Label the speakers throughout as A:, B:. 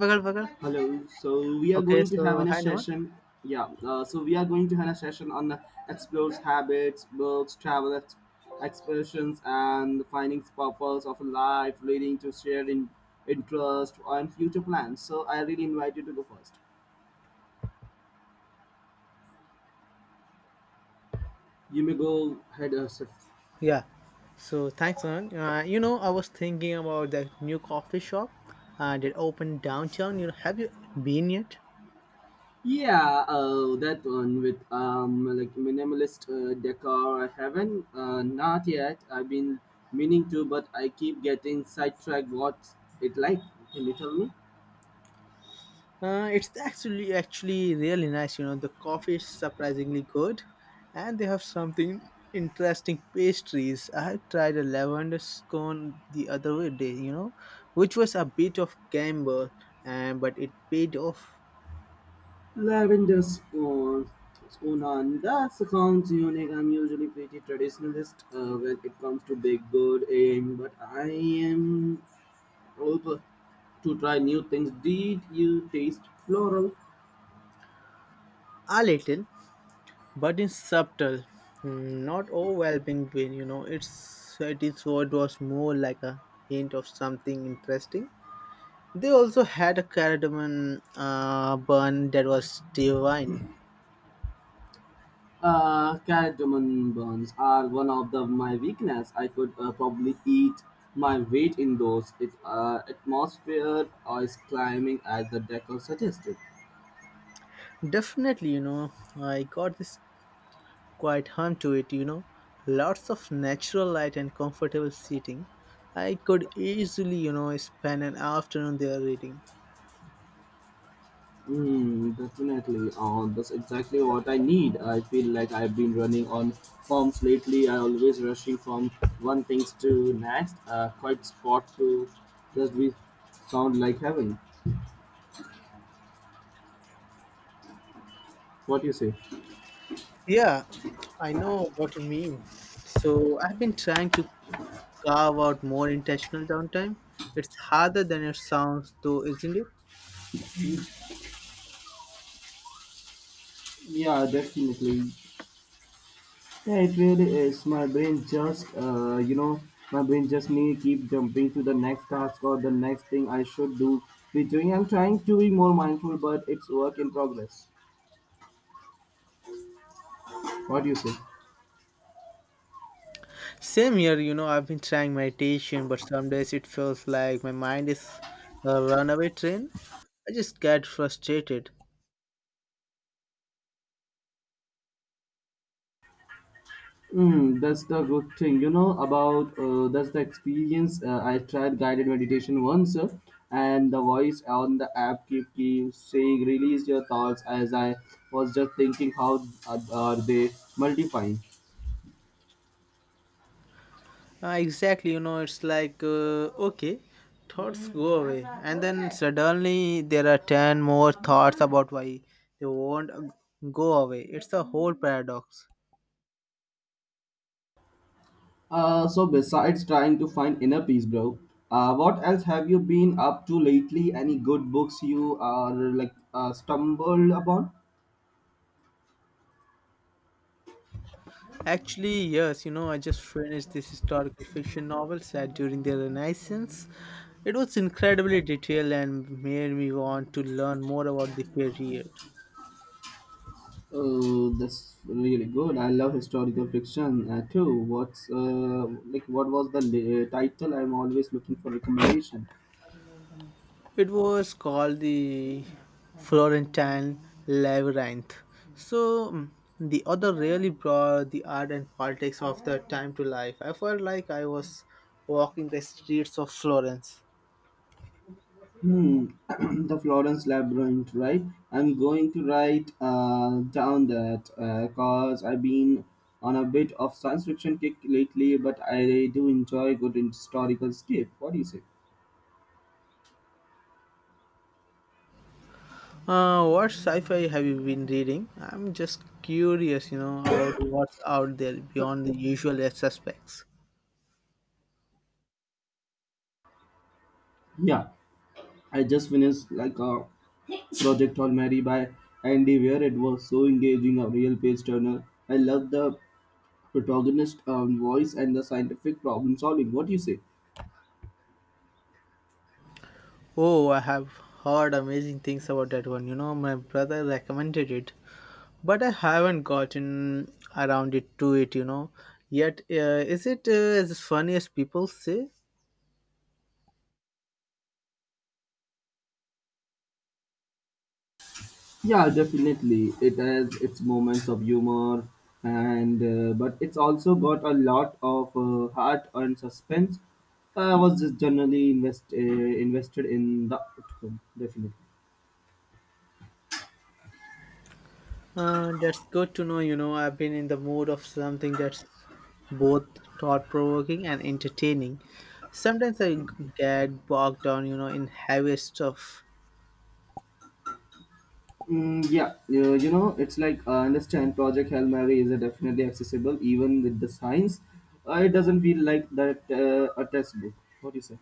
A: Bagal, bagal.
B: Hello. So we are
A: Okay,
B: going to have
A: so
B: a
A: hi Naman.
B: session. Yeah. So we are going to have a session on explores habits, books, expressions, and the findings purpose of life, leading to shared interest and future plans. So I really invite you to go first. You may go ahead, Asif.
A: Yeah. So thanks, Naman. You know, I was thinking about that new coffee shop that opened downtown. You know, have you been yet?
B: Yeah, that one with like minimalist decor. I haven't not yet. I've been meaning to, but I keep getting sidetracked. What's it like? Can you tell me?
A: It's actually really nice. You know, the coffee is surprisingly good, and they have something interesting pastries. I had tried a lavender scone the other day. You know, which was a bit of gamble, and but it paid off
B: Lavender Swan, Swanland. That sounds unique. I'm usually pretty traditionalist when it comes to big bird aim, but I am open to try new things. Did you taste floral?
A: a little, but it's subtle, mm, not overwhelming when you know it is what was more like a hint of something interesting. They also had a cardamom bun that was divine.
B: Cardamom buns are one of the, my weakness. I could probably eat my weight in those. It atmosphere is climbing as the decor suggested.
A: Definitely, you know, I got this quite hum to it. You know, lots of natural light and comfortable seating. I could easily, you know, spend an afternoon there reading.
B: Mm, definitely. That's exactly what I need. I feel like I've been running on forms lately. I always rushing from one things to next. Quite spot to just be sound like heaven. What you say?
A: Yeah, I know what you mean. So I've been trying to carve out more intentional downtime. It's harder than it sounds, though, isn't it?
B: Yeah, definitely. Yeah, it really is. My brain just need keep jumping to the next task or the next thing I should do. Be doing. I'm trying to be more mindful, but it's work in progress. What do you say?
A: Same here, you know, I've been trying meditation, but some days it feels like my mind is a runaway train. I just get frustrated.
B: Mm, that's the good thing, about that's the experience. I tried guided meditation once, and the voice on the app keep saying, "Release your thoughts." As I was just thinking, how are they multiplying?
A: Exactly, you know, it's like, okay, thoughts go away. And then suddenly there are 10 more thoughts about why they won't go away. It's a whole paradox.
B: So besides trying to find inner peace, bro, what else have you been up to lately? Any good books you are like stumbled upon?
A: Actually, yes, you know, I just finished this historical fiction novel set during the Renaissance. It was incredibly detailed and made me want to learn more about the period.
B: Oh, that's really good. I love historical fiction too. What's like what was the title? I'm always looking for recommendation.
A: It was called the Florentine Labyrinth. So, mm, the author really brought the art and politics of the time to life. I felt like I was walking the streets of Florence.
B: Hmm, the Florence Labyrinth, right? I'm going to write down that cause I've been on a bit of science fiction kick lately, but I do enjoy good historical escape. What do you say?
A: What sci-fi have you been reading? I'm just curious, you know, about what's out there beyond the usual suspects.
B: Yeah, I just finished like a Project All Mary by Andy Weir. It was so engaging, a real page turner. I love the protagonist voice and the scientific problem solving. What do you say?
A: Oh, I have heard amazing things about that one. You know, my brother recommended it, but I haven't gotten around it to it, you know. Yet, is it as funny as people say?
B: Yeah, definitely. It has its moments of humor, and but it's also got a lot of heart and suspense. I was just generally invested in the outcome, definitely.
A: That's good to know. You know, I've been in the mood of something that's both thought provoking and entertaining. Sometimes get bogged down, you know, in heavy stuff.
B: Mm, yeah, you know, it's like I understand Project Hail Mary is definitely accessible even with the science. It doesn't feel like that a textbook. What do you say?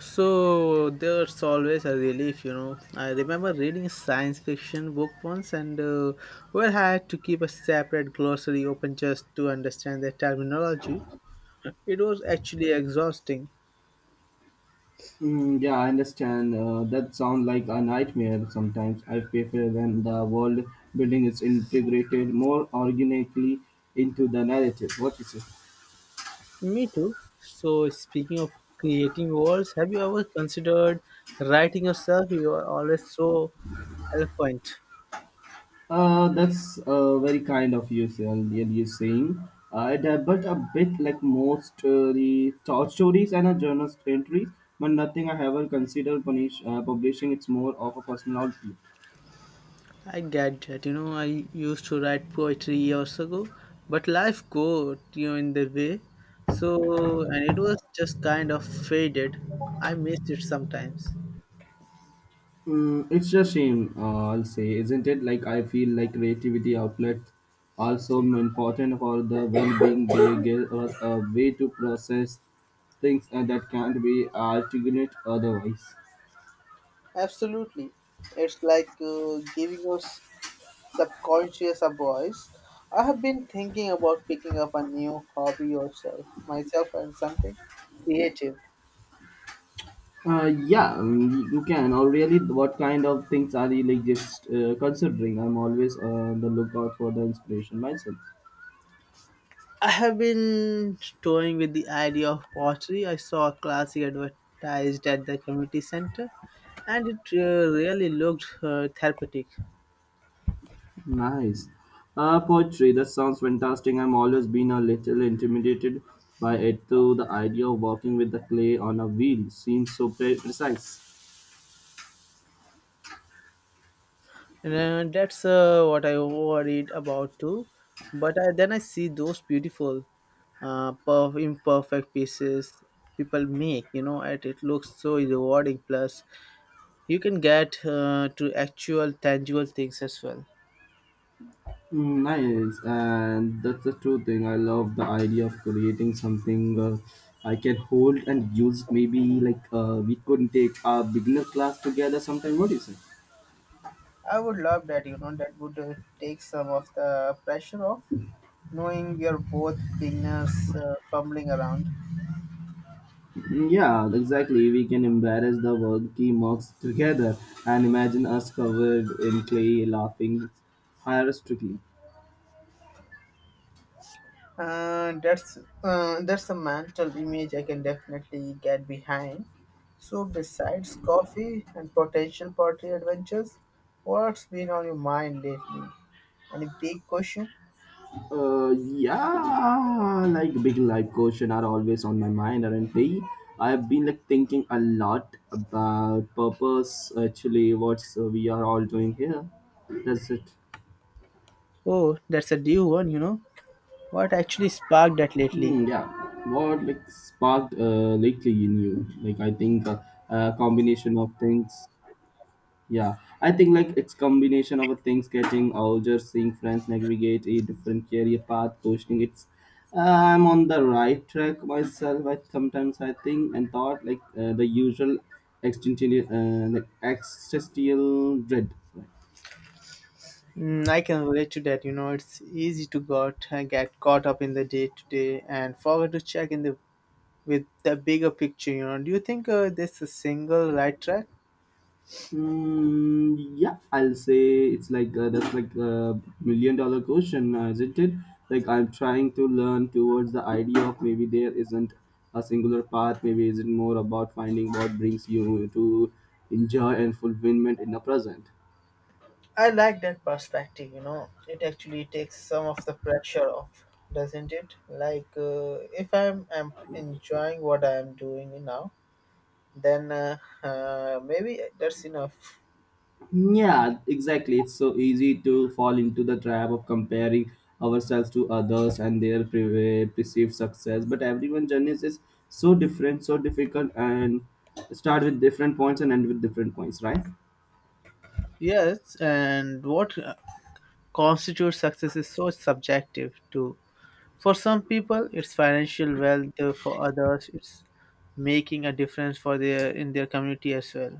A: So there's always a relief, you know. I remember reading a science fiction book once and we had to keep a separate glossary open just to understand the terminology. It was actually exhausting.
B: Mm, yeah, I understand. That sounds like a nightmare sometimes. I prefer when the world building is integrated more organically into the narrative. What you say?
A: Me too. So, speaking of creating worlds, have you ever considered writing yourself? You are always so eloquent.
B: That's very kind of you, and you're saying. But a bit like most the short stories and a journal entries, but nothing I ever considered publishing. It's more of a personal outlet.
A: I get that. You know, I used to write poetry years ago, but life got in the way. So, and it was just kind of faded. I miss it sometimes.
B: Mm, it's a shame, I'll say, isn't it? Like I feel like creativity outlets are so important for the well-being. They give us a way to process things that can't be articulated otherwise.
A: Absolutely, it's like giving us subconscious a voice. I have been thinking about picking up a new hobby or myself and something creative.
B: Uh, yeah, um, you can. Or really, what kind of things are you like just considering? I'm always on the lookout for the inspiration myself.
A: I have been toying with the idea of pottery. I saw a classic advertised at the community center and it really looked therapeutic.
B: Nice. Poetry, that sounds fantastic. I'm always been a little intimidated by it, though the idea of working with the clay on a wheel seems so precise.
A: And that's what I worried about too. Then I see those beautiful, imperfect pieces people make, you know, and it looks so rewarding. Plus, you can get to actual tangible things as well.
B: Mm, nice, and that's the true thing. I love the idea of creating something I can hold and use. Maybe like we could take a beginner class together sometime. What do you say?
A: I would love that, you know, that would take some of the pressure off knowing we are both beginners fumbling around.
B: Yeah, exactly. We can embarrass the wonky mugs together and imagine us covered in clay laughing hysterically.
A: Uh, that's that's a mental image I can definitely get behind. So besides coffee and potential pottery adventures, what's been on your mind lately? Any big question?
B: Yeah, like big life question are always on my mind, aren't they? I've been like thinking a lot about purpose. Actually, what we are all doing here. That's it.
A: Oh, that's a new one. You know what actually sparked that lately?
B: Hmm, yeah. What like sparked lately in you? Like I think a combination of things. Yeah, I think like it's combination of a things getting older, seeing friends navigate a different career path, questioning it's I'm on the right track myself. I sometimes I think and thought like the usual existential like existential dread. Right?
A: Mm, I can relate to that. You know, it's easy to got get caught up in the day to day and forget to check in the with the bigger picture. You know, do you think this is single right track?
B: Mm, yeah, I'll say it's like that's like $1 million question, isn't it? Like I'm trying to learn towards the idea of maybe there isn't a singular path. Maybe is it more about finding what brings you to enjoy and fulfillment in the present.
A: I like that perspective, you know. It actually takes some of the pressure off, doesn't it? Like, if I'm, I'm enjoying what I'm doing now, then maybe that's enough.
B: Yeah, exactly. It's so easy to fall into the trap of comparing ourselves to others and their perceived success. But everyone's journey is so different, so difficult, and start with different points and end with different points, right?
A: Yes, and what constitutes success is so subjective too. For some people, it's financial wealth. For others, it's making a difference for their in their community as well.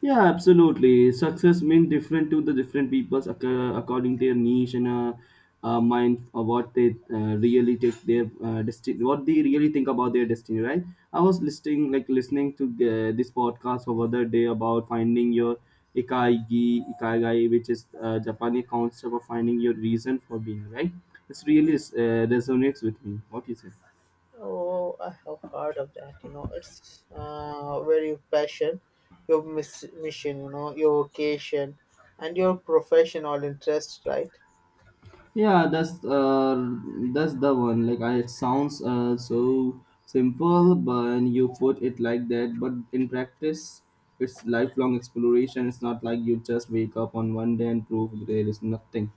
B: Yeah, absolutely. Success means different to the different peoples according their niche and mind of what they really take their destiny, what they really think about their destiny, right? Like listening to this podcast over the day about finding your ikaigai, which is Japanese concept of finding your reason for being, right? It's really resonates with me. What you say?
A: Oh, I have heard of that. You know, it's very passion, your mission, you know, your vocation, and your profession or interest, right?
B: Yeah, that's the one. Like, it sounds so simple, but when you put it like that, but in practice, it's lifelong exploration. It's not like you just wake up on one day and prove there is nothing.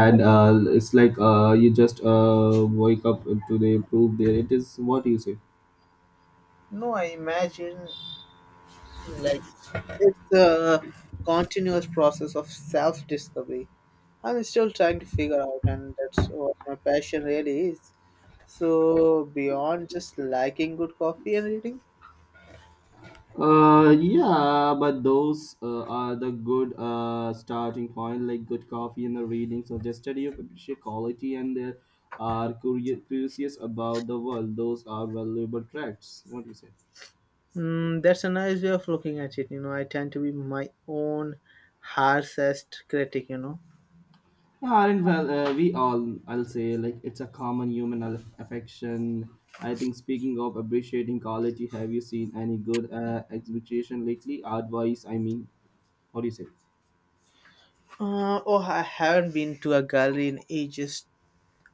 A: No,
B: It's like you just wake up today, prove there it is. What you say?
A: no, I imagine like it's a continuous process of self-discovery. I'm still trying to figure out, and that's what my passion really is. So beyond just liking good coffee and reading,
B: Yeah, but those are the good starting point, like good coffee and the reading suggested you appreciate quality and they are curious about the world. Those are valuable traits. What do you say?
A: mm, that's a nice way of looking at it. You know, I tend to be my own harshest critic. You know,
B: Yeah, aren't well, We all, I'll say, like it's a common human affection. I think speaking of appreciating quality, have you seen any good exhibition lately? Art-wise, I mean, what do you say?
A: oh, I haven't been to a gallery in ages.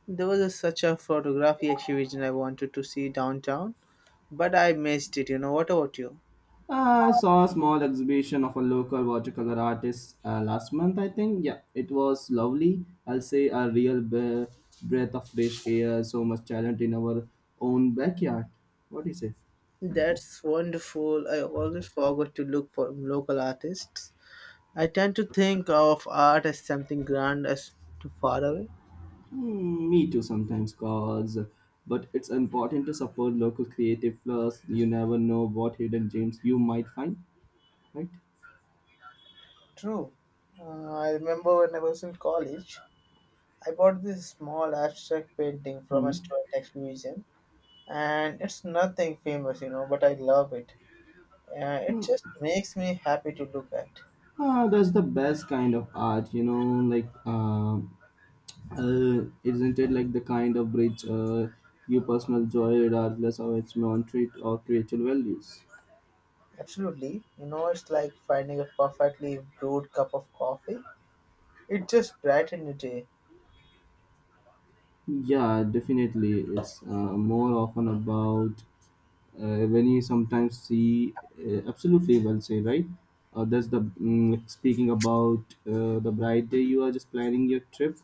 A: Such a photography exhibition I wanted to see downtown, but I missed it. You know, what about you?
B: I saw a small exhibition of a local watercolor artist last month, I think. Yeah, it was lovely. I'll say a real breath of fresh air, so much talent in our own backyard. What do you say?
A: That's wonderful. I always forgot to look for local artists. I tend to think of art as something grand as too far away.
B: Hmm, me too sometimes, cause. But it's important to support local creative plus. You never know what hidden gems you might find, right?
A: True. I remember when I was in college, I bought this small abstract painting from a
B: Hmm.
A: student exhibition, and it's nothing famous, you know, but I love it. It
B: Hmm.
A: just makes me happy to look at.
B: Ah, that's the best kind of art, you know, like. Isn't it like the kind of bridge you personal joy regardless of its monetary or creature values.
A: Absolutely. You know, it's like finding a perfectly brewed cup of coffee. It just brightened the day.
B: Yeah, definitely. It's More often about when you sometimes see, absolutely well say right, that's the speaking about the bright day you are just planning your trip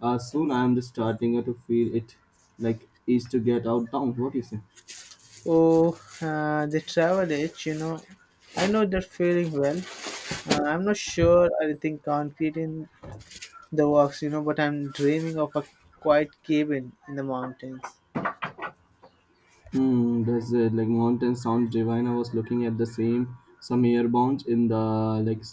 B: soon. I am just starting to feel it like is to get out down. What do you say?
A: Oh, the travel itch, you know. I know that feeling well. I'm not sure anything concrete in the works, you know, but I'm dreaming of a quiet cabin in the mountains.
B: Hmm, that's it. Like mountain sounds divine. I was looking at the same some airbounds in the like